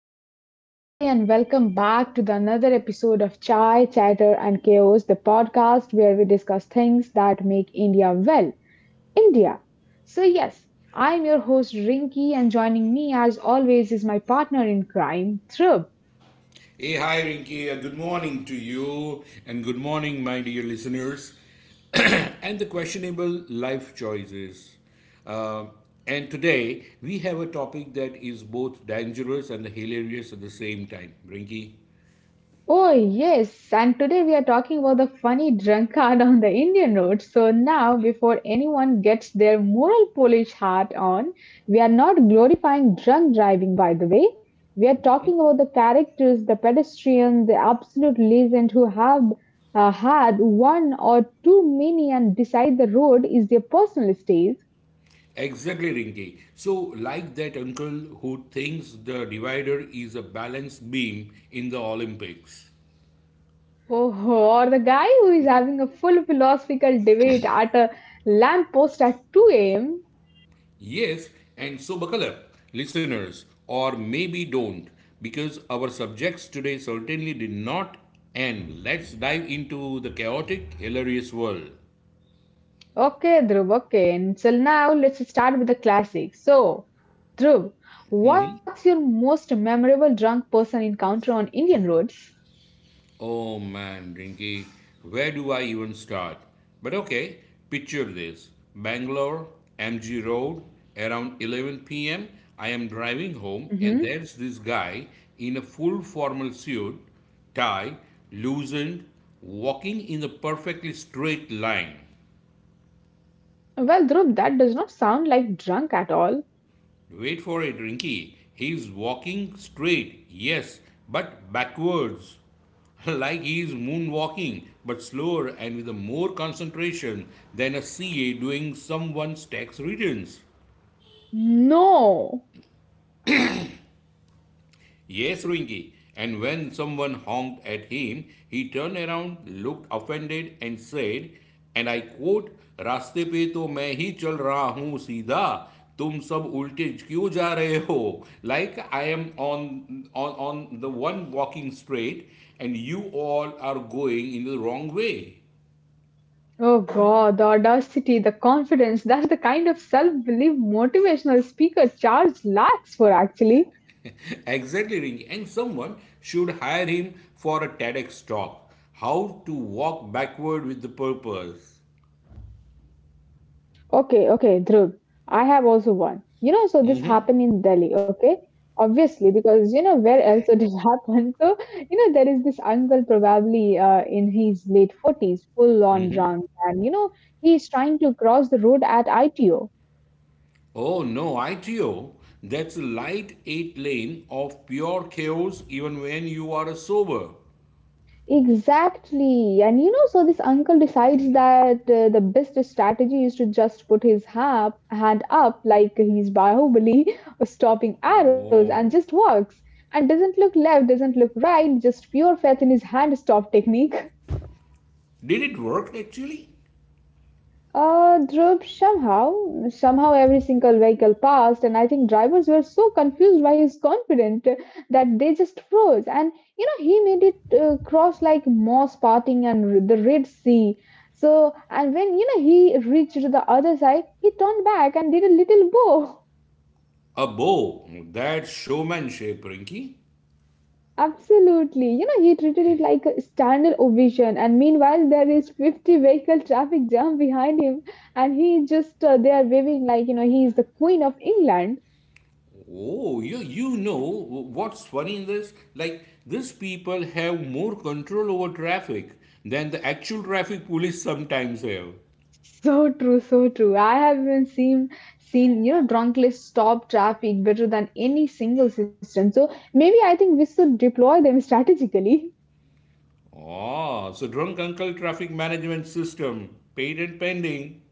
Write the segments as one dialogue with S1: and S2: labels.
S1: hello, and namaste, and welcome back to the another episode of Chai, Chatter, and Chaos, the podcast where we discuss things that make India well, India. So, yes, I'm your host Rinki, and joining me as always is my partner in crime, Thrub.
S2: Hey, hi, Rinki. Good morning to you, and good morning, my dear listeners, and the questionable life choices. Uh, and today, we have a topic that is both dangerous and hilarious at the same time, Rinki.
S1: Oh, yes, and today we are talking about the funny drunkard on the Indian road. So, now before anyone gets their moral polish hat on, we are not glorifying drunk driving, by the way. We are talking about the characters, the pedestrians, the absolute legend who have had one or too many and decide the road is their personal stage.
S2: Exactly, Rinki. So, like that uncle who thinks the divider is a balance beam in the Olympics.
S1: Oh, or the guy who is having a full philosophical debate at a lamppost at 2 a.m.
S2: Yes, and so buckle up, listeners, or maybe don't, because our subjects today certainly did not. And let's dive into the chaotic, hilarious world.
S1: Okay, Dhruv, okay. And so now, let's start with the classics. So, Dhruv, what's your most memorable drunk person encounter on Indian roads?
S2: Oh man, Rinky, where do I even start? But okay, picture this: Bangalore, MG Road, around 11 pm. I am driving home, and
S1: Hmm.
S2: there's this guy in a full formal suit, tie, loosened, walking in a perfectly straight line.
S1: Well, Dhruv, that does not sound like drunk at all.
S2: Wait for it, Rinky. He's walking straight, yes, but backwards. Like he's moonwalking, but slower and with a more concentration than a CA doing someone's tax returns.
S1: No.
S2: Yes, Ringy. And when someone honked at him, he turned around, looked offended, and said, and I quote: "Raste pe to maa hi chal raha hoon, sida tum sab ulte jyoo ja raho." Like I am on the one walking straight, and you all are going in the wrong way.
S1: Oh God, the audacity, the confidence. That's the kind of self belief motivational speaker Charles lacks for actually.
S2: Exactly, Ringy. And someone should hire him for a TEDx talk: how to walk backward with the purpose.
S1: Okay, okay, Dhruv. I have also one. You know, so this happened in Delhi, okay? Obviously, because you know where else it has happened. So, you know, there is this uncle probably in his late 40s, full on drunk, and you know, he's trying to cross the road at ITO.
S2: Oh no, ITO. That's a light 8 lane of pure chaos even when you are sober.
S1: Exactly. And you know, so this uncle decides that the best strategy is to just put his hand up like he's Bahubali stopping arrows and just
S2: Oh.
S1: walks. And doesn't look left, doesn't look right, just pure faith in his hand stop technique.
S2: Did it work actually?
S1: Dhruv, somehow, somehow every single vehicle passed, and I think drivers were so confused by his confidence that they just froze. And you know, he made it cross like Moss parting and the Red Sea. So, and when you know he reached the other side, he turned back and did a little bow.
S2: A bow. That's showmanship, Rinky.
S1: Absolutely, you know, he treated it like a standard ovation. And meanwhile, there is 50 vehicle traffic jam behind him, and he just they are waving like you know he is the Queen of England.
S2: Oh, you know what's funny in this? Like, these people have more control over traffic than the actual traffic police sometimes have.
S1: So true, so true. I have even seen you know drunkless stop traffic better than any single system. So maybe I think we should deploy them strategically.
S2: Ah, so drunk uncle traffic management system, patent pending.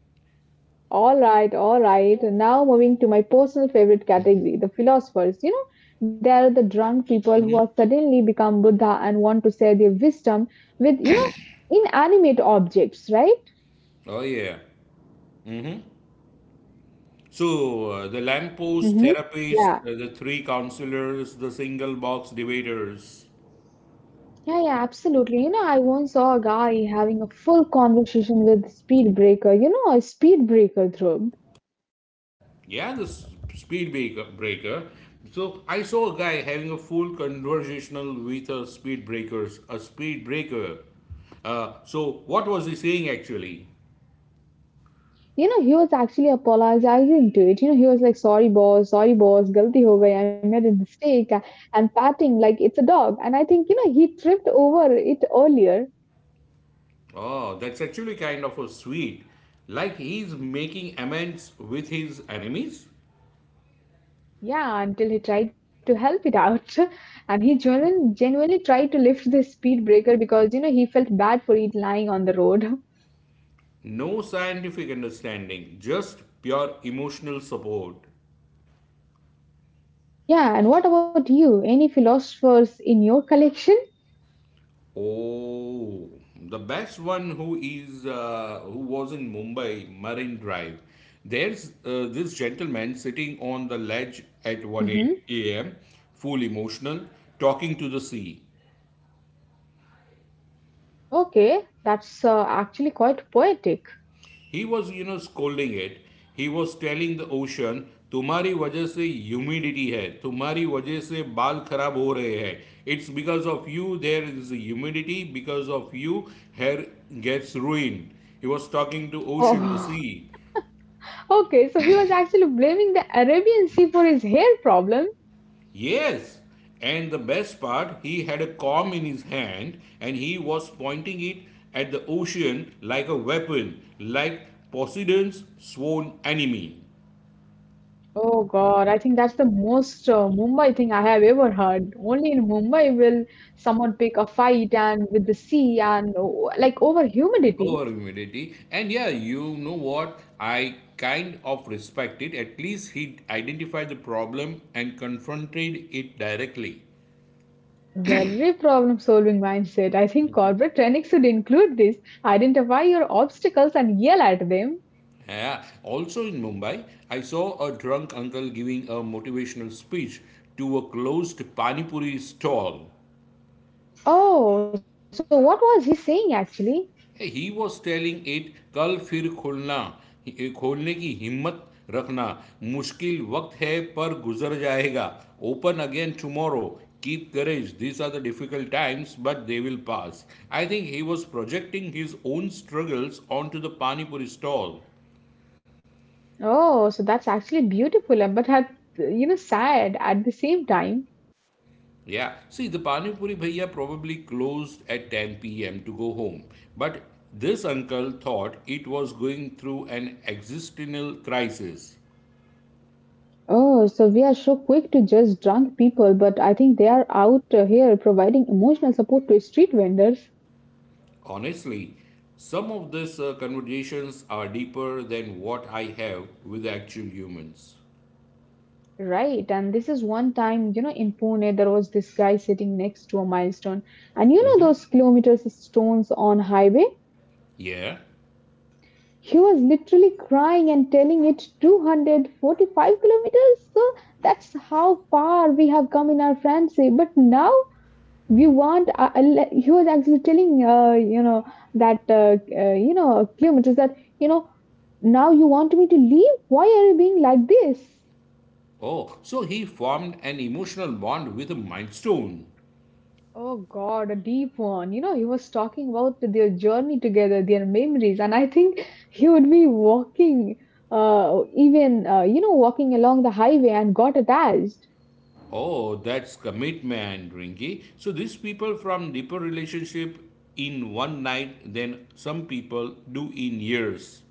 S1: All right, all right. Now moving to my personal favorite category, the philosophers. You know, they are the drunk people who have suddenly become Buddha and want to share their wisdom with you know inanimate objects, right?
S2: Oh, yeah. So, the lamppost
S1: Mm-hmm.
S2: therapist,
S1: Yeah.
S2: the three counselors, the single box dividers.
S1: Yeah, yeah, absolutely. You know, I once saw a guy having a full conversation with speed breaker. You know, a speed breaker Dhruv.
S2: Yeah, the speed breaker. So, I saw a guy having a full conversational with a speed breaker. Uh, so, what was he saying actually?
S1: You know, he was actually apologizing to it. You know, he was like, "Sorry, boss. Sorry, boss. Galti ho gayi. I made a mistake," and patting like it's a dog. And I think you know he tripped over it earlier.
S2: Oh, that's actually kind of a sweet. Like he's making amends with his enemies?
S1: Yeah, until he tried to help it out, and he genuinely tried to lift the speed breaker because you know he felt bad for it lying on the road.
S2: No scientific understanding, just pure emotional support.
S1: Yeah, and what about you? Any philosophers in your collection?
S2: Oh, the best one who is who was in Mumbai Marine Drive. There's this gentleman sitting on the ledge at 1
S1: Hmm.
S2: a.m., full emotional, talking to the sea.
S1: Okay, that's actually quite poetic.
S2: He was, you know, scolding it. He was telling the ocean, तुम्हारी वजह से humidity है, तुम्हारी वजह से बाल खराब हो रहे हैं. It's because of you there is humidity, because of you hair gets ruined. He was talking to ocean, the
S1: Oh,
S2: sea.
S1: okay, so he was actually blaming the Arabian Sea for his hair problem.
S2: Yes, and the best part, he had a comb in his hand and he was pointing it at the ocean like a weapon, like Poseidon's sworn enemy.
S1: Oh God, I think that's the most Mumbai thing I have ever heard. Only in Mumbai will someone pick a fight and with the sea and oh, like over humidity.
S2: Over humidity. And yeah, you know what? I kind of respect it. At least he identified the problem and confronted it directly.
S1: Very problem-solving mindset. I think corporate training should include this. Identify your obstacles and yell at them.
S2: Yeah. Also in Mumbai, I saw a drunk uncle giving a motivational speech to a closed Panipuri stall.
S1: Oh, so what was he saying actually?
S2: Hey, he was telling it. कल फिर खोलना खोलने की हिम्मत रखना मुश्किल वक्त है पर गुजर जाएगा. Open again tomorrow. Keep courage, these are the difficult times but they will pass. I think he was projecting his own struggles onto the Pani Puri stall.
S1: Oh, so that's actually beautiful, and but had you know sad at the same time.
S2: Yeah, see the Pani Puri bhaiya probably closed at 10 p.m. to go home, but this uncle thought it was going through an existential crisis.
S1: Oh, so we are so quick to judge drunk people, but I think they are out here providing emotional support to street vendors.
S2: Honestly, some of these conversations are deeper than what I have with actual humans.
S1: Right, and this is one time, you know, in Pune, there was this guy sitting next to a milestone, and you know
S2: Hmm.
S1: those kilometers of stones on highway?
S2: Yeah.
S1: He was literally crying and telling it 245 kilometers. So that's how far we have come in our friendship. But now we want, he was actually telling, you know, that, you know, kilometers that, you know, now you want me to leave? Why are you being like this?
S2: Oh, so he formed an emotional bond with a milestone.
S1: Oh God, a deep one. You know, he was talking about their journey together, their memories, and I think he would be walking, even you know, walking along the highway and got attached.
S2: Oh, that's commitment, Rinky. So these people from deeper relationship in one night than some people do in years.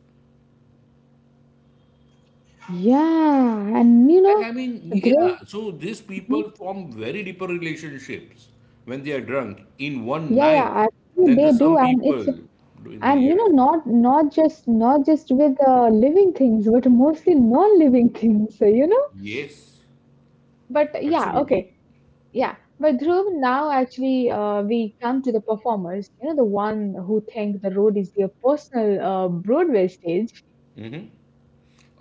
S1: Yeah, and you
S2: Like,
S1: know,
S2: I mean,
S1: Dhruv,
S2: yeah, so these
S1: mhm,
S2: people form very deeper relationships when they are drunk in one
S1: yeah,
S2: night
S1: yeah, actually
S2: than the
S1: they do,
S2: some
S1: and
S2: people
S1: it's
S2: do in the
S1: and you know,
S2: years.
S1: not just with living things, but mostly non-living things. You know,
S2: Yes,
S1: but yeah,
S2: absolutely.
S1: okay. Yeah, but Dhruv, now actually, we come to the performers, you know, the one who think the road is their personal Broadway stage.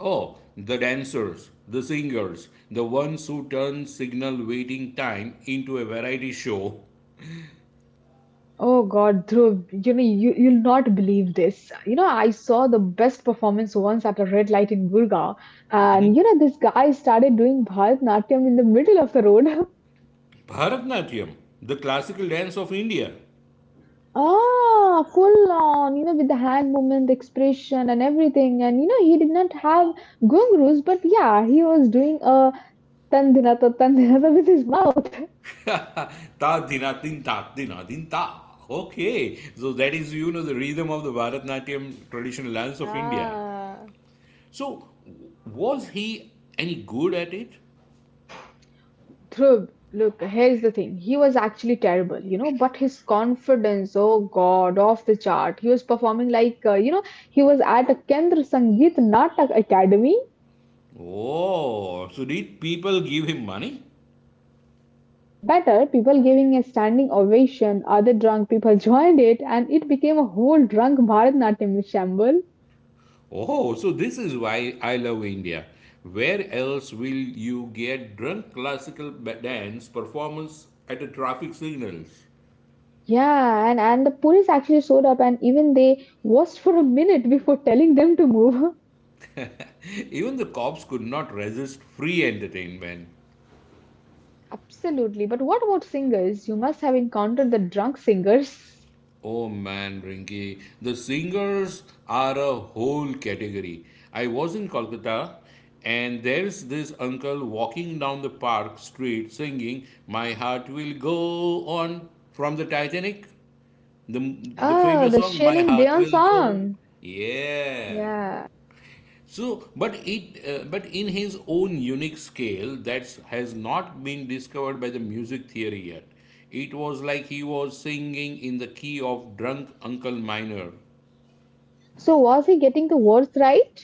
S2: Oh, the dancers, the singers, the ones who turn signal waiting time into a variety show.
S1: Oh God, Dhruv, you know, you'll not believe this. You know, I saw the best performance once at a red light in Gurgaon, and you know, this guy started doing Bharatanatyam in the middle of the road.
S2: Bharatnatyam, the classical dance of India.
S1: Ah, full on, you know, with the hand movement, expression, and everything. And you know, he did not have gungroos, but yeah, he was doing a tandinata with his mouth.
S2: Ta dinatin ta dinatin ta. Okay, so that is, you know, the rhythm of the Bharatnatyam traditional dance of India.
S1: Ah,
S2: So, was he any good at it?
S1: Dhruv, look, here's the thing. He was actually terrible, you know, but his confidence, oh God, off the chart. He was performing like, you know, he was at a Kendra Sangeet Natak Academy.
S2: Oh, so did people give him money?
S1: Better, people giving a standing ovation, other drunk people joined it, and it became a whole drunk Bharatnatyam shamble.
S2: Oh, so this is why I love India. Where else will you get drunk classical dance performance at the traffic signals?
S1: Yeah, and the police actually showed up and even they watched for a minute before telling them to move.
S2: Even the cops could not resist free entertainment.
S1: Absolutely. But what about singers? You must have encountered the drunk singers.
S2: Oh man, Rinki, the singers are a whole category. I was in Kolkata and there's this uncle walking down the park street singing "My Heart Will Go On" from the Titanic. The
S1: Ah,
S2: famous
S1: the
S2: song "My
S1: Celine
S2: Heart
S1: Dion
S2: Will Go."
S1: song.
S2: Yeah.
S1: Yeah.
S2: So, but in his own unique scale that has not been discovered by the music theory yet. It was like he was singing in the key of drunk Uncle Minor.
S1: So was he getting the words right?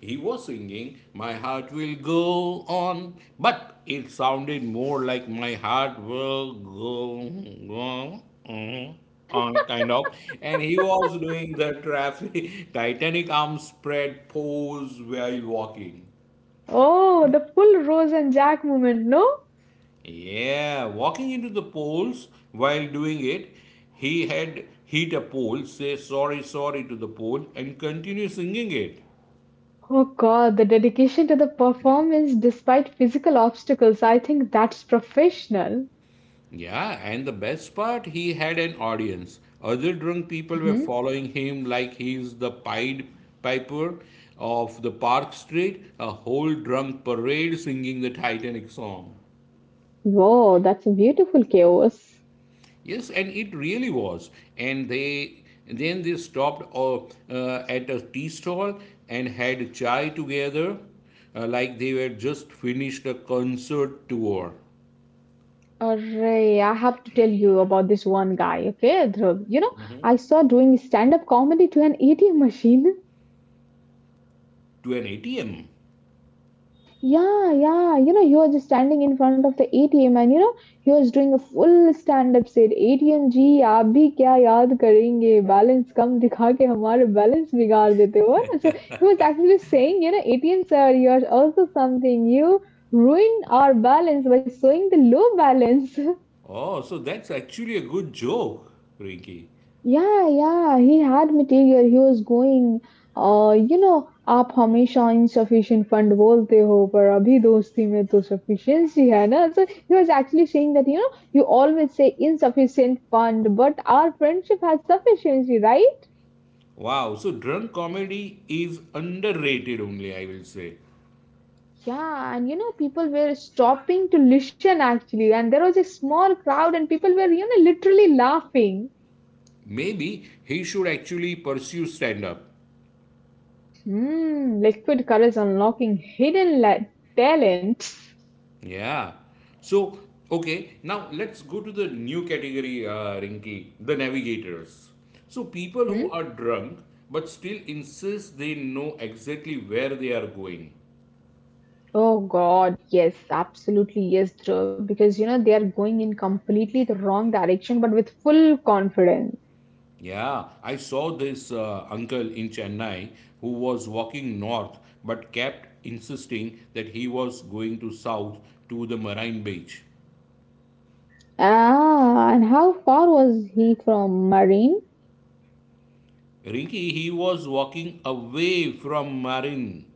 S2: He was singing, "My heart will go on," but it sounded more like "My heart will go on on" kind of, and he was doing the traffic titanic arm spread pose while walking.
S1: Oh, the full Rose and Jack moment, no?
S2: Yeah, walking into the polls while doing it, he had hit a pole, say sorry, sorry to the pole, and continue singing it.
S1: Oh God, the dedication to the performance despite physical obstacles. I think that's professional.
S2: Yeah, and the best part, he had an audience. Other drunk people were
S1: Hmm.
S2: following him like he's the Pied Piper of the Park Street, a whole drunk parade singing the Titanic song.
S1: Whoa, that's a beautiful chaos.
S2: Yes, and it really was. And they then they stopped at a tea stall and had chai together, like they were just finished a concert tour
S1: Array, I have to tell you about this one guy, okay, Dhruv. You know, I saw doing stand-up comedy to an ATM machine.
S2: to an ATM.
S1: Yeah, yeah. You know, he was just standing in front of the ATM and you know, he was doing a full stand-up set. ATM जी आप भी क्या याद करेंगे balance कम दिखा के हमारे balance बिगाड़ देते हो ना so he was actually saying you know ATM sir you are also something you ruin our balance by showing the low balance.
S2: Oh, so that's actually a good joke, Ricky.
S1: Yeah, yeah, he had material. He was going. You know, आप हमेशा insufficient fund बोलते हो पर अभी दोस्ती में तो sufficiency है ना so he was actually saying that you know you always say insufficient fund but our friendship has sufficiency right
S2: Wow, so drunk comedy is underrated only, I will say.
S1: yeah and you know people were stopping to listen actually and there was a small crowd and people were you know literally laughing.
S2: Maybe he should actually pursue stand up.
S1: Hmm. Liquid courage unlocking hidden talent.
S2: Yeah. So, okay, now let's go to the new category, Rinky, the navigators. So, people who are drunk but still insist they know exactly where they are going.
S1: Oh God, yes, absolutely yes, Dhruv, because you know they are going in completely the wrong direction, but with full confidence.
S2: Yeah, I saw this uncle in Chennai who was walking north but kept insisting that he was going to south to the marine beach.
S1: Ah, and how far was he from Marine?
S2: Ricky, he was walking away from Marin.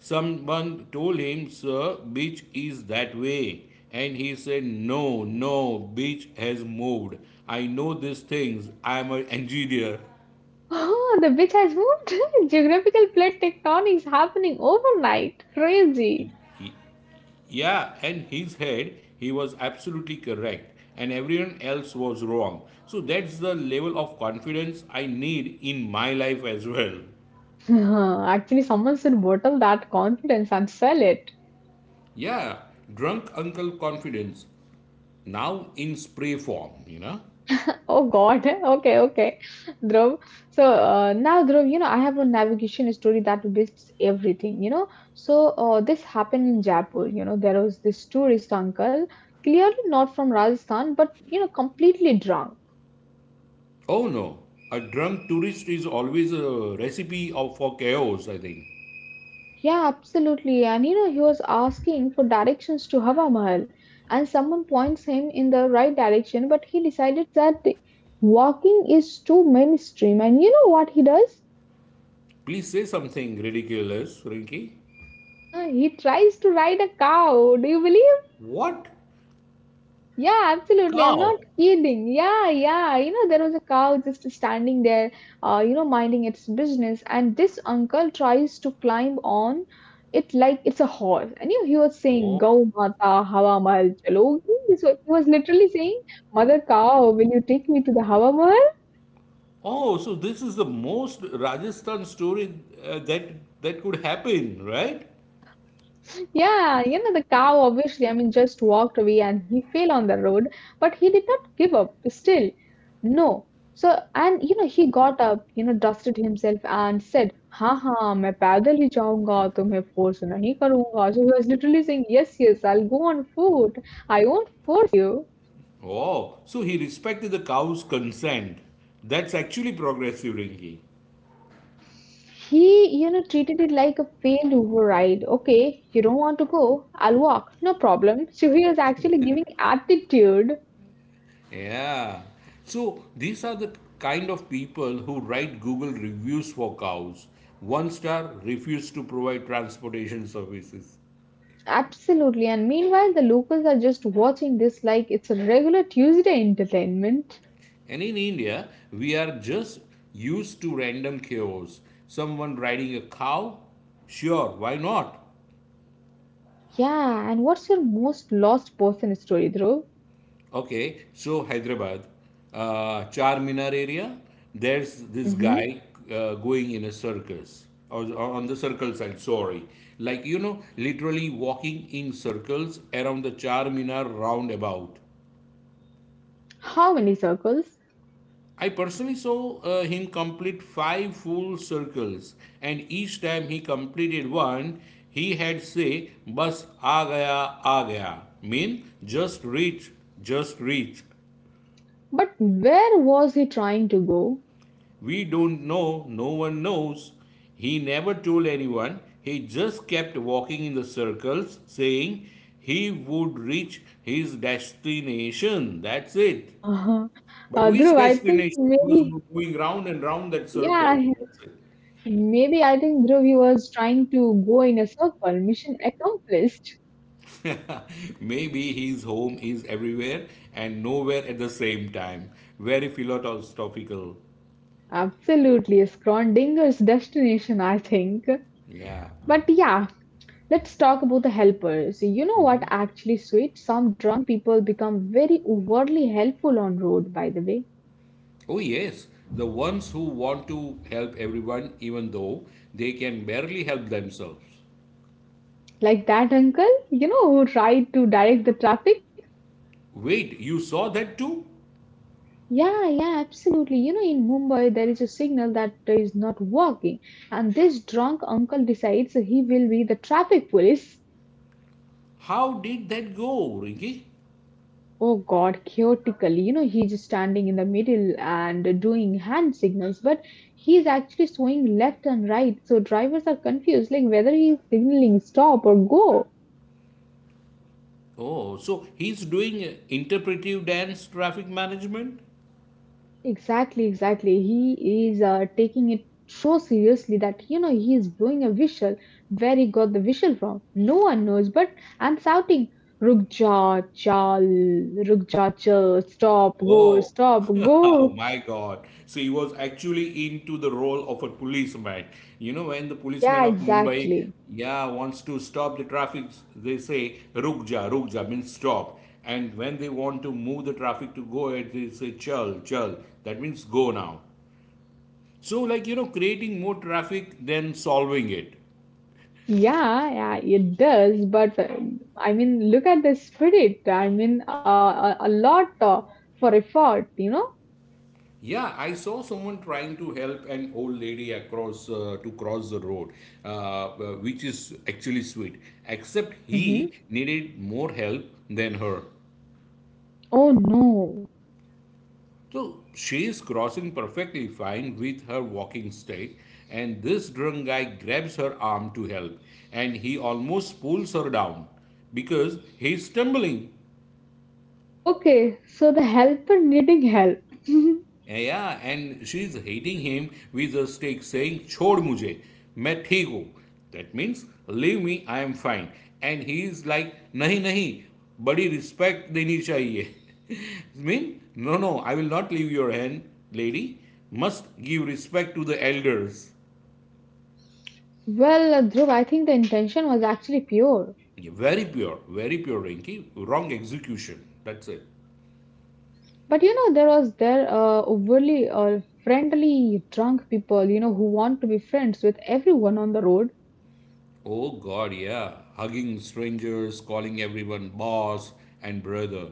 S2: Someone told him, "Sir, beach is that way." And he said, "No, no, beach has moved. I know these things. I am an engineer."
S1: Oh, the bitch has moved. Geographical plate tectonics happening overnight. Crazy.
S2: Y- Yeah, and his head, he was absolutely correct. And everyone else was wrong. So that's the level of confidence I need in my life as well.
S1: Actually, someone should bottle that confidence and sell it.
S2: Yeah, drunk uncle confidence. Now in spray form, you know.
S1: Oh God. Okay, okay. Dhruv. So now, Dhruv, you know, I have a navigation story that beats everything, you know. So this happened in Jaipur. You know, there was this tourist uncle, clearly not from Rajasthan, but, you know, completely drunk.
S2: Oh no, a drunk tourist is always a recipe of, for chaos, I think.
S1: Yeah, absolutely. And, you know, he was asking for directions to Hava Mahal. And someone points him in the right direction, but he decided that walking is too mainstream. And you know what he does?
S2: Please say something ridiculous, Rinky.
S1: He tries to ride a cow. Do you believe?
S2: What?
S1: Yeah, absolutely. I'm not
S2: Cow?
S1: kidding. Yeah, yeah. You know, there was a cow just standing there, you know, minding its business, and this uncle tries to climb on it like it's a horse. And you, know he was saying,
S2: Oh,
S1: "Gau mata hawa mahal chalogi." So he was literally saying, "Mother cow, will you take me to the hawa mahal?"
S2: oh so this is the most Rajasthan story uh, that, that could happen, right?
S1: Yeah, you know, the cow obviously, I mean, just walked away and he fell on the road, but he did not give up still. No. So, and you know, he got up, you know, dusted himself and said, Ha ha, मैं पैदल ही जाऊंगा तुम्हें force नहीं करूंगा. So he was literally saying, Yes, yes, I'll go on foot. I won't force you.
S2: Oh, so he respected the cow's consent. That's actually progressive, Rinky.
S1: He, you know, treated it like a failed override. Okay, you don't want to go, I'll walk, no problem. So he was actually giving attitude.
S2: Yeah. So these are the kind of people who write Google reviews for cows. One star: refuse to provide transportation services.
S1: Absolutely. And meanwhile, the locals are just watching this like it's a regular Tuesday entertainment.
S2: And in India, we are just used to random chaos. Someone riding a cow? Sure, why not?
S1: Yeah. And what's your most lost person story, Dhruv?
S2: Okay, so Hyderabad, Charminar area, there's this
S1: Hmm.
S2: guy going in a circus or on the circle side, sorry. Like, you know, literally walking in circles around the Charminar roundabout.
S1: How many circles?
S2: I personally saw him complete 5 full circles, and each time he completed one, he had say, "Bas aa gaya," mean just reach, just reach.
S1: But where was he trying to go?
S2: We don't know, no one knows. He never told anyone, he just kept walking in the circles, saying he would reach his destination. That's it.
S1: Uh,
S2: But which
S1: Dhruv, I think
S2: destination? He was
S1: maybe,
S2: moving round and round that
S1: yeah,
S2: circle. That's
S1: maybe I think Dhruv, he was trying to go in a circle. Mission accomplished.
S2: it. Maybe his home is everywhere and nowhere at the same time. Very philosophical.
S1: Absolutely. Scrondinger's destination, I think.
S2: Yeah.
S1: But yeah, let's talk about the helpers. You know what actually sweet? Some drunk people become very overly helpful on road, by the way.
S2: Oh, yes, the ones who want to help everyone even though they can barely help themselves.
S1: Like that uncle, you know, who tried to direct the traffic.
S2: Wait, you saw that too?
S1: Yeah, yeah, absolutely. You know, in Mumbai, there is a signal that is not working. And this drunk uncle decides he will be the traffic police.
S2: How did that go, Rinki?
S1: Oh God, chaotically. You know, he's just standing in the middle and doing hand signals, but he's actually swinging left and right. So drivers are confused, like whether he's signaling stop or go.
S2: Oh, so he's doing interpretive dance traffic management?
S1: Exactly, exactly. He is taking it so seriously that you know he is blowing a whistle. Where he got the whistle from, no one knows. But I'm shouting, "Rukja, chal, rukja, chal, stop, go,
S2: Oh,
S1: stop,
S2: oh
S1: go."
S2: my God. So he was actually into the role of a policeman. You know, when the policeman
S1: Yeah,
S2: of Mumbai,
S1: exactly.
S2: yeah, wants to stop the traffic, they say, "Ruk ja, ruk ja," means stop. And when they want to move the traffic to go ahead, they say, "chal, chal." That means go now. So, like, you know, creating more traffic than solving it.
S1: Yeah, yeah, it does. But I mean, look at the spirit. I mean, a lot for effort, you know?
S2: Yeah, I saw someone trying to help an old lady across to cross the road, uh, uh, which is actually sweet. Except he
S1: Hmm.
S2: needed more help than her.
S1: Oh no.
S2: So she is crossing perfectly fine with her walking stick, and this drunk guy grabs her arm to help, and he almost pulls her down because he's stumbling.
S1: Okay, so the helper needing help.
S2: Yeah, yeah, and she is hitting him with a stick, saying, "Chod mujhe, main theek hoon." That means, leave me, I am fine. And he is like, "Nahi nahi, badi respect deni chahiye." Mean, no, no, I will not leave your hand, lady. Must give respect to the elders.
S1: Well, Dhruv, I think the intention was actually pure.
S2: Yeah, very pure, Rinky. Wrong execution. That's it.
S1: But you know, there was there overly friendly drunk people, you know, who want to be friends with everyone on the road.
S2: Oh God, yeah. Hugging strangers, calling everyone boss and brother.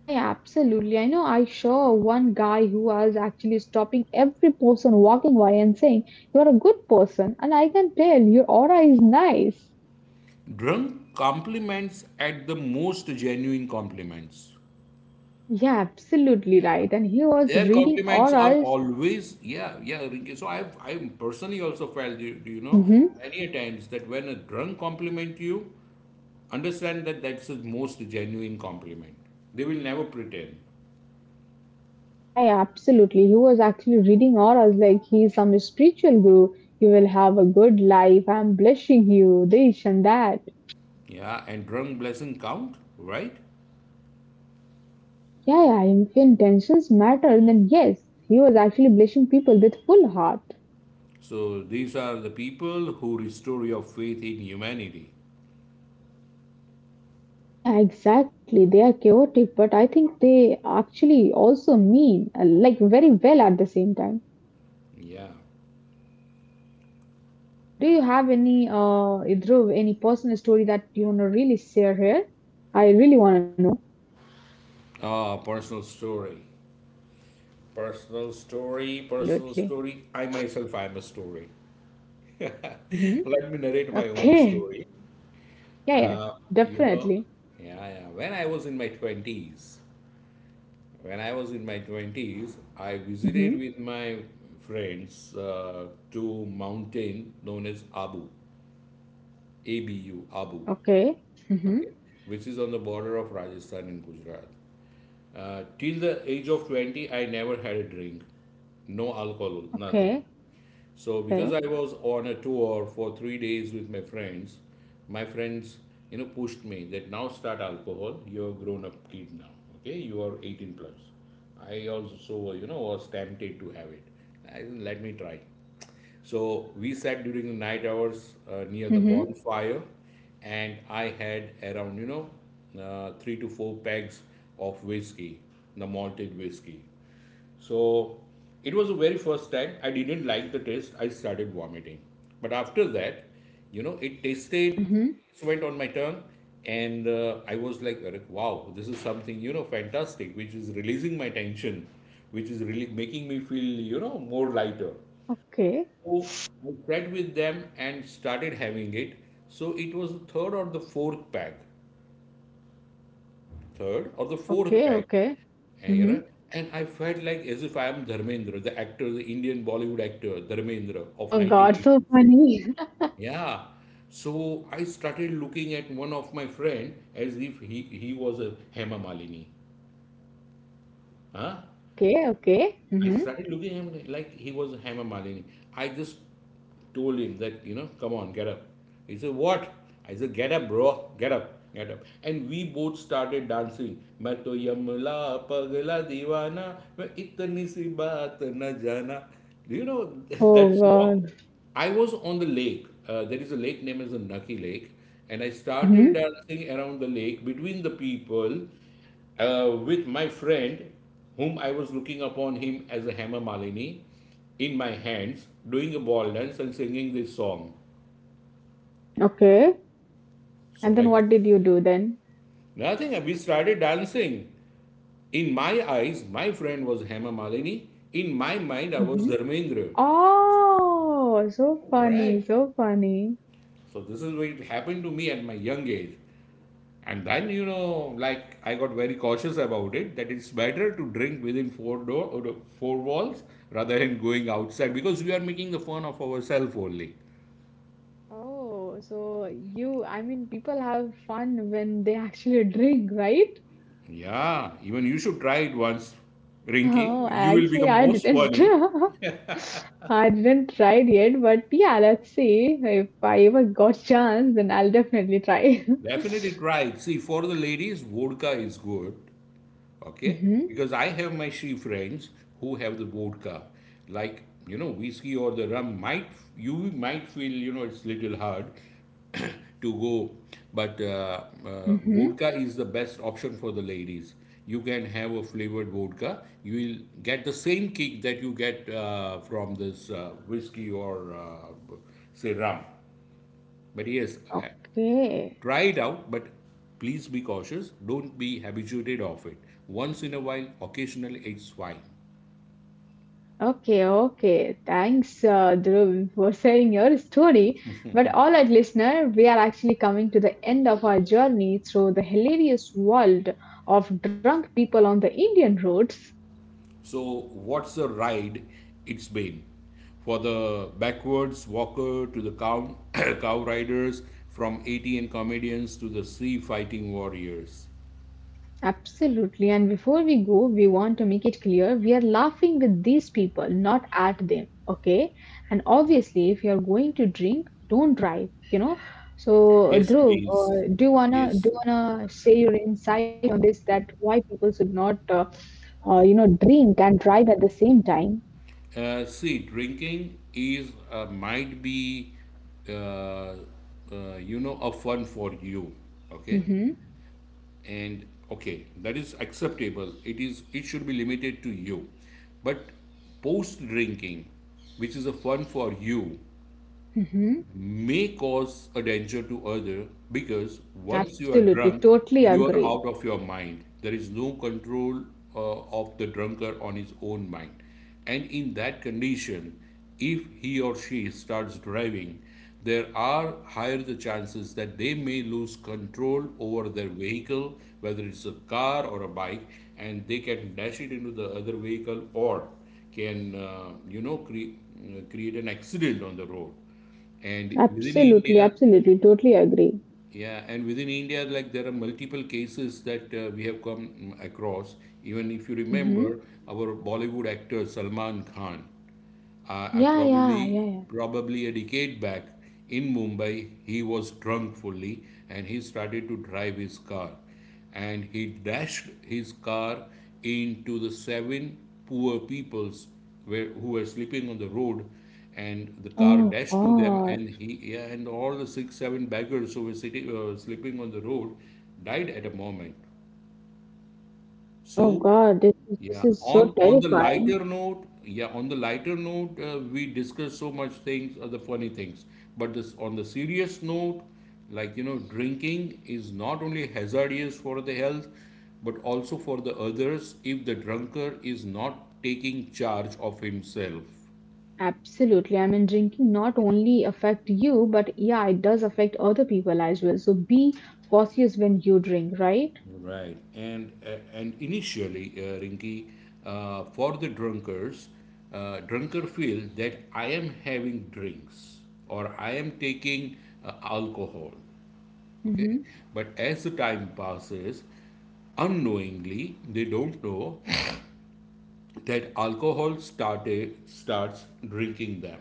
S1: Yeah, yeah, absolutely. I know I saw one guy who was actually stopping every person walking by and saying, "You're a good person, and I can tell your aura is nice."
S2: Drunk compliments at the most genuine compliments.
S1: Yeah, absolutely
S2: Yeah.
S1: right. And he
S2: Their
S1: was reading
S2: compliments are
S1: auras.
S2: always, yeah, yeah, Rinki. So I've I personally also felt
S1: Hmm.
S2: many a times that when a drunk compliment you, understand that that's the most genuine compliment. They will never pretend.
S1: Yeah, yeah, absolutely. He was actually reading auras like he's some spiritual guru. You will have a good life. I'm blessing you, this and that.
S2: Yeah, and drunk blessing count, right?
S1: Yeah, yeah, if intentions matter, then yes, he was actually blessing people with full heart.
S2: So these are the people who restore your faith in humanity.
S1: Yeah, yeah, exactly. They are chaotic, but I think they actually also mean like very well at the same time.
S2: Yeah.
S1: And do you have any, Dhruv, any personal story that you want to really share here? I really want to know.
S2: Ah, personal story. Personal
S1: Yeah, yeah,
S2: story, personal
S1: absolutely.
S2: story. I myself, I am a story.
S1: Mm-hmm.
S2: Let me narrate my own
S1: Okay.
S2: story.
S1: Yeah, yeah,
S2: Uh, you know,
S1: definitely.
S2: yeah, yeah. When I was in my 20s, when I was in my 20s, I
S1: Mm-hmm.
S2: visited with my friends to mountain known as Abu, A-B-U, Abu,
S1: Okay. Mm-hmm.
S2: okay, which is on the border of Rajasthan and Gujarat. Till the age of 20, I never had a drink. No alcohol, nothing.
S1: Okay.
S2: So because
S1: Okay.
S2: I was on a tour for 3 days with my friends, my friends pushed me that now start alcohol. You're a grown-up kid now. Okay, you are 18 plus. I also, was tempted to have it. I said, let me try. So we sat during the night hours near the
S1: Mm-hmm.
S2: bonfire, and I had around, three to four pegs of whiskey, the malted whiskey. So it was the very first time I didn't like the taste. I started vomiting. But after that, it tasted,
S1: Mm-hmm.
S2: it went on my tongue, and I was like, wow, this is something, fantastic, which is releasing my tension, which is really making me feel, more lighter.
S1: Okay.
S2: So I sat with them and started having it. So it was the third or the fourth pack, third or the fourth
S1: Okay.
S2: pack
S1: Okay.
S2: yeah,
S1: Mm-hmm.
S2: and I felt like as if I am Dharmendra, the actor, the Indian Bollywood actor, Dharmendra of
S1: Oh God, so
S2: 1980s.
S1: funny.
S2: Yeah. So I started looking at one of my friend as if he was a Hema Malini. Huh?
S1: Okay. Okay.
S2: I
S1: Mm-hmm.
S2: started looking at him like he was Hema Malini. I just told him that, come on, get up. He said, what? I said, get up, bro, get up, get up. And we both started dancing. मैं तो यमला पगला दीवाना मैं इतनी सी बात न जाना. Do you know that
S1: Oh
S2: song?
S1: God.
S2: I was on the lake. There is a lake named as the Naki Lake, and I started
S1: Mm-hmm.
S2: dancing around the lake between the people with my friend, whom I was looking upon him as a hammer malini, in my hands, doing a ball dance and singing this song.
S1: Okay.
S2: So
S1: And then
S2: like
S1: what did you do then?
S2: nothing, we started dancing. In my eyes, my friend was hammer malini. In my mind, I was
S1: Hmm.
S2: Dharmendra.
S1: Oh, so
S2: All
S1: funny,
S2: right.
S1: so funny.
S2: So this is what happened to me at my young age. And then, like I got very cautious about it that it's better to drink within four door four walls rather than going outside because we are making the fun of ourselves only.
S1: Oh, so you, I mean, people have fun when they actually drink, right?
S2: Yeah, even you should try it once, Rinky.
S1: Oh,
S2: You will
S1: actually,
S2: become
S1: I
S2: most
S1: didn't,
S2: funny.
S1: I didn't try it yet, but yeah, let's see. If I ever got chance, then I'll definitely try.
S2: Definitely try it. See, for the ladies, vodka is good. Okay?
S1: Hmm.
S2: Because I have my she friends who have the vodka. Like, whiskey or the rum might, you might feel, it's little hard to go. But
S1: Hmm.
S2: vodka is the best option for the ladies. You can have a flavored vodka. You will get the same kick that you get from this whiskey or say rum. But yes,
S1: Okay.
S2: try it out, but please be cautious. Don't be habituated of it. Once in a while, occasionally, it's fine.
S1: Okay, okay. Thanks, Dhruv, for sharing your story. But all right, listener, we are actually coming to the end of our journey through the hilarious world of drunk people on the Indian roads.
S2: So, what's the ride? It's been for the backwards walker to the cow, cow riders, from ATN comedians to the sea fighting warriors.
S1: Absolutely. And before we go, we want to make it clear we are laughing with these people, not at them. Okay. And obviously, if you are going to drink, don't you know so
S2: Yes,
S1: Dhruv,
S2: please.
S1: do
S2: Yes.
S1: you wanna say your insight on this that why people should not you know drink and drive at the same time?
S2: See, drinking is might be, uh, a fun for you. Okay.
S1: Mm-hmm.
S2: And okay that is acceptable it is it should be limited to you, but post drinking, which is a fun for you,
S1: Mm-hmm.
S2: may cause a danger to other, because once you are
S1: Absolutely,
S2: drunk
S1: totally
S2: you are
S1: agree.
S2: out of your mind, there is no control of the drunkard on his own mind, and in that condition, if he or she starts driving, there are higher the chances that they may lose control over their vehicle, whether it's a car or a bike, and they can dash it into the other vehicle or can create an accident on the road. And within
S1: Absolutely,
S2: India,
S1: absolutely, totally agree.
S2: yeah, and within India, like there are multiple cases that we have come across. Even if you
S1: Mm-hmm.
S2: remember our Bollywood actor Salman Khan. I
S1: Yeah, yeah,
S2: probably
S1: yeah.
S2: probably a decade back in Mumbai, he was drunk fully and he started to drive his car, and he dashed his car into the seven poor peoples were, who were sleeping on the road, and the
S1: Yeah,
S2: car
S1: oh
S2: dashed to them and
S1: God.
S2: he yeah, and all the 6, 7 beggars who were sitting sleeping on the road died at a moment. So,
S1: Oh God, this is,
S2: yeah,
S1: this is so
S2: on the
S1: terrifying.
S2: lighter note, yeah, on the lighter note, we discuss so much things, the funny things. But this on the serious note, like drinking is not only hazardous for the health, but also for the others if the drunkard is not taking charge of himself.
S1: Absolutely. I mean, drinking not only affect you, but yeah, it does affect other people as well. So be cautious when you drink, right?
S2: Right, and initially, Rinki, for the drunkards, drunker feel that I am having drinks or I am taking alcohol. Okay,
S1: Mm-hmm.
S2: but as the time passes, unknowingly they don't know that alcohol started starts drinking them.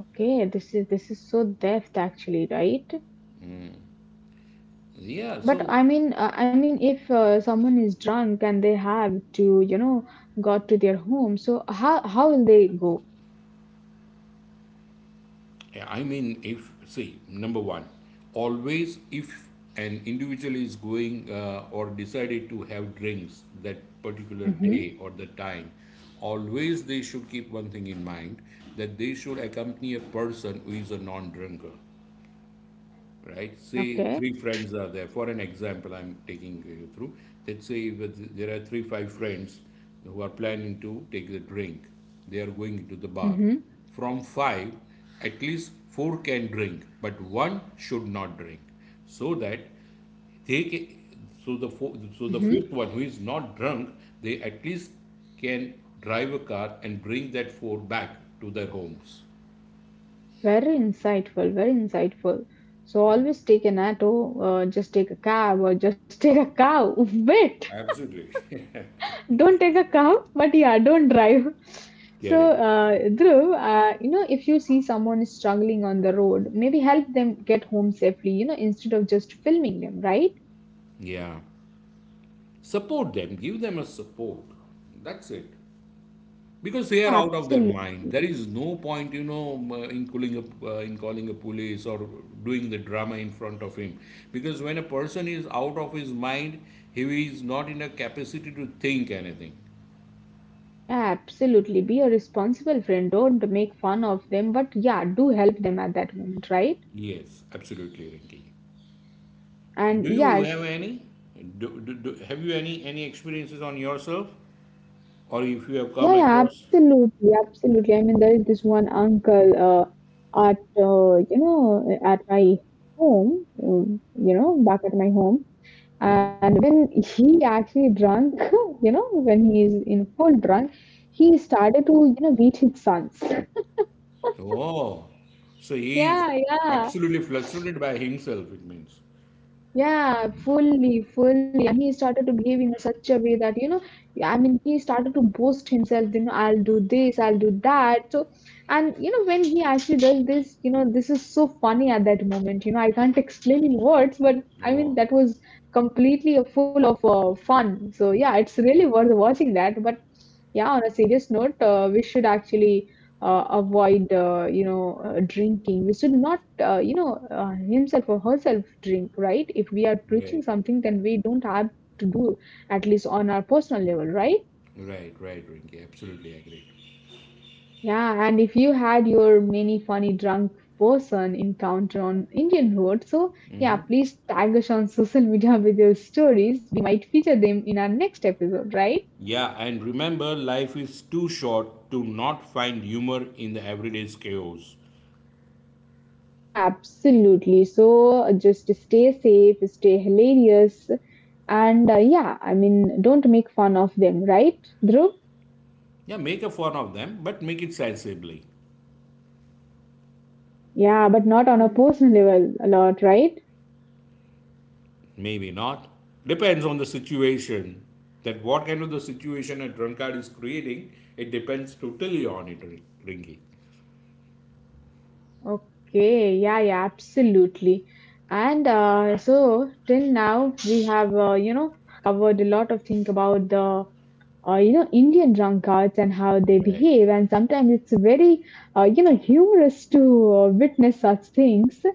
S1: Okay, this is so deft actually, right?
S2: Yeah,
S1: But
S2: so
S1: I mean, if someone is drunk and they have to, you know, got to their home, so how will they go?
S2: yeah, I mean, if see, number one, always if an individual is going or decided to have drinks that particular day
S1: Mm-hmm.
S2: or the time, always they should keep one thing in mind that they should accompany a person who is a non-drinker, right? Say
S1: Okay.
S2: three friends are there. For an example, I'm taking you through. Let's say there are five friends who are planning to take the drink. They are going to the bar.
S1: Mm-hmm.
S2: From five, at least four can drink, but one should not drink, so that they can, so the four, so the
S1: Mm-hmm.
S2: fifth one who is not drunk, they at least can drive a car and bring that four back to their homes.
S1: Very insightful. Very insightful. So always take an auto, just take a cab, or just take a cow. Wait.
S2: Absolutely.
S1: Don't take a car, but yeah, don't drive. So
S2: Correct.
S1: Dhruv, you know, if you see someone struggling on the road, maybe help them get home safely, you know, instead of just filming them, right?
S2: Yeah. Support them, give them a support. That's it. Because
S1: Yeah,
S2: they are out of their
S1: absolutely.
S2: mind. There is no point, in calling a police or doing the drama in front of him. Because when a person is out of his mind, he is not in a capacity to think anything.
S1: Yeah, absolutely. Be a responsible friend, don't make fun of them, but yeah, do help them at that moment, right?
S2: Yes, absolutely, Rinki. And do
S1: And
S2: you have
S1: yes.
S2: any? Have you any experiences on yourself, or if you have
S1: Yeah,
S2: come
S1: yeah,
S2: across?
S1: absolutely, absolutely. I mean, there is this one uncle at you know, at my home, um, you know, back at my home. And when he actually drunk, you know, when he is in full drunk, he started to, you know, beat his sons.
S2: Oh, so he is
S1: Yeah, yeah.
S2: absolutely frustrated by himself. It means.
S1: Yeah, fully, fully. And he started to behave in such a way that, you know, I mean, he started to boast himself, you know, I'll do this, I'll do that. So, and, you know, when he actually does this, you know, this is so funny at that moment. You know, I can't explain in words, but I
S2: Oh,
S1: mean, that was completely a full of fun. So, yeah, it's really worth watching that. But yeah, on a serious note, we should actually avoid you know drinking. We should not you know himself or herself drink, right? If we are
S2: right,
S1: preaching something, then we don't have to do, at least on our personal level, right?
S2: right, Rinki. Absolutely agree.
S1: Yeah, and if you had your many funny drunk person encounter on Indian road, so yeah, please tag us on social media with your stories, we might feature them in our next episode, right?
S2: Yeah, and remember, life is too short to not find humor in the everyday's chaos.
S1: Yeah, absolutely. So just stay safe, stay hilarious, and yeah, I mean, don't make fun of them, right, Dhruv?
S2: Yeah, make a fun of them, but make it sensibly.
S1: Yeah, but not on a personal level a lot, right?
S2: Maybe not. Depends on the situation. That what kind of the situation a drunkard is creating, it depends totally on it, Rinki.
S1: Okay, yeah, yeah, absolutely. And so till now we have, you know, covered a lot of things about the you know, Indian drunkards and how they
S2: Right.
S1: behave. And sometimes it's very, you know, humorous to witness such things.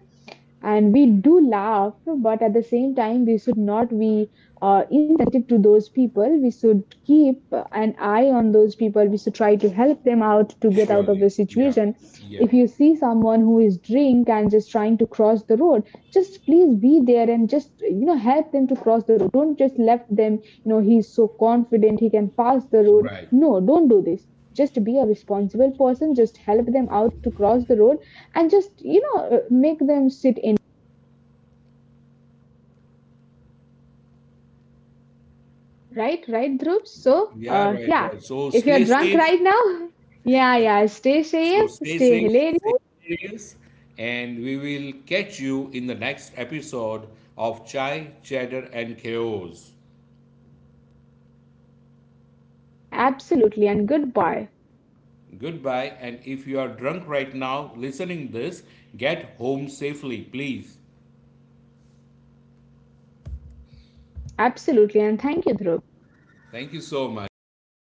S1: And we do laugh, but at the same time, we should not be insensitive to those people. We should keep an eye on those people. We should try to help them out to get out of the
S2: Surely. Yeah.
S1: situation.
S2: Yeah.
S1: If you see someone who is drink and just trying to cross the road, just please be there and just you know, help them to cross the road. Don't just left them, you know, he's so confident he can pass the road,
S2: Right.
S1: no, don't do this. Just be a responsible person, just help them out to cross the road, and just you know, make them sit in. Right, right, Dhruv, so
S2: Yeah,
S1: yeah,
S2: right.
S1: if you're drunk right now yeah, yeah, stay
S2: So
S1: safe,
S2: stay
S1: stay
S2: safe, stay
S1: hilarious.
S2: serious, and we will catch you in the next episode of Chai, Chatter, and Chaos.
S1: Yeah, absolutely, and goodbye.
S2: Goodbye, and if you are drunk right now listening this, get home safely, please.
S1: Absolutely, and thank you, Dhruv.
S2: Thank you so much. Thank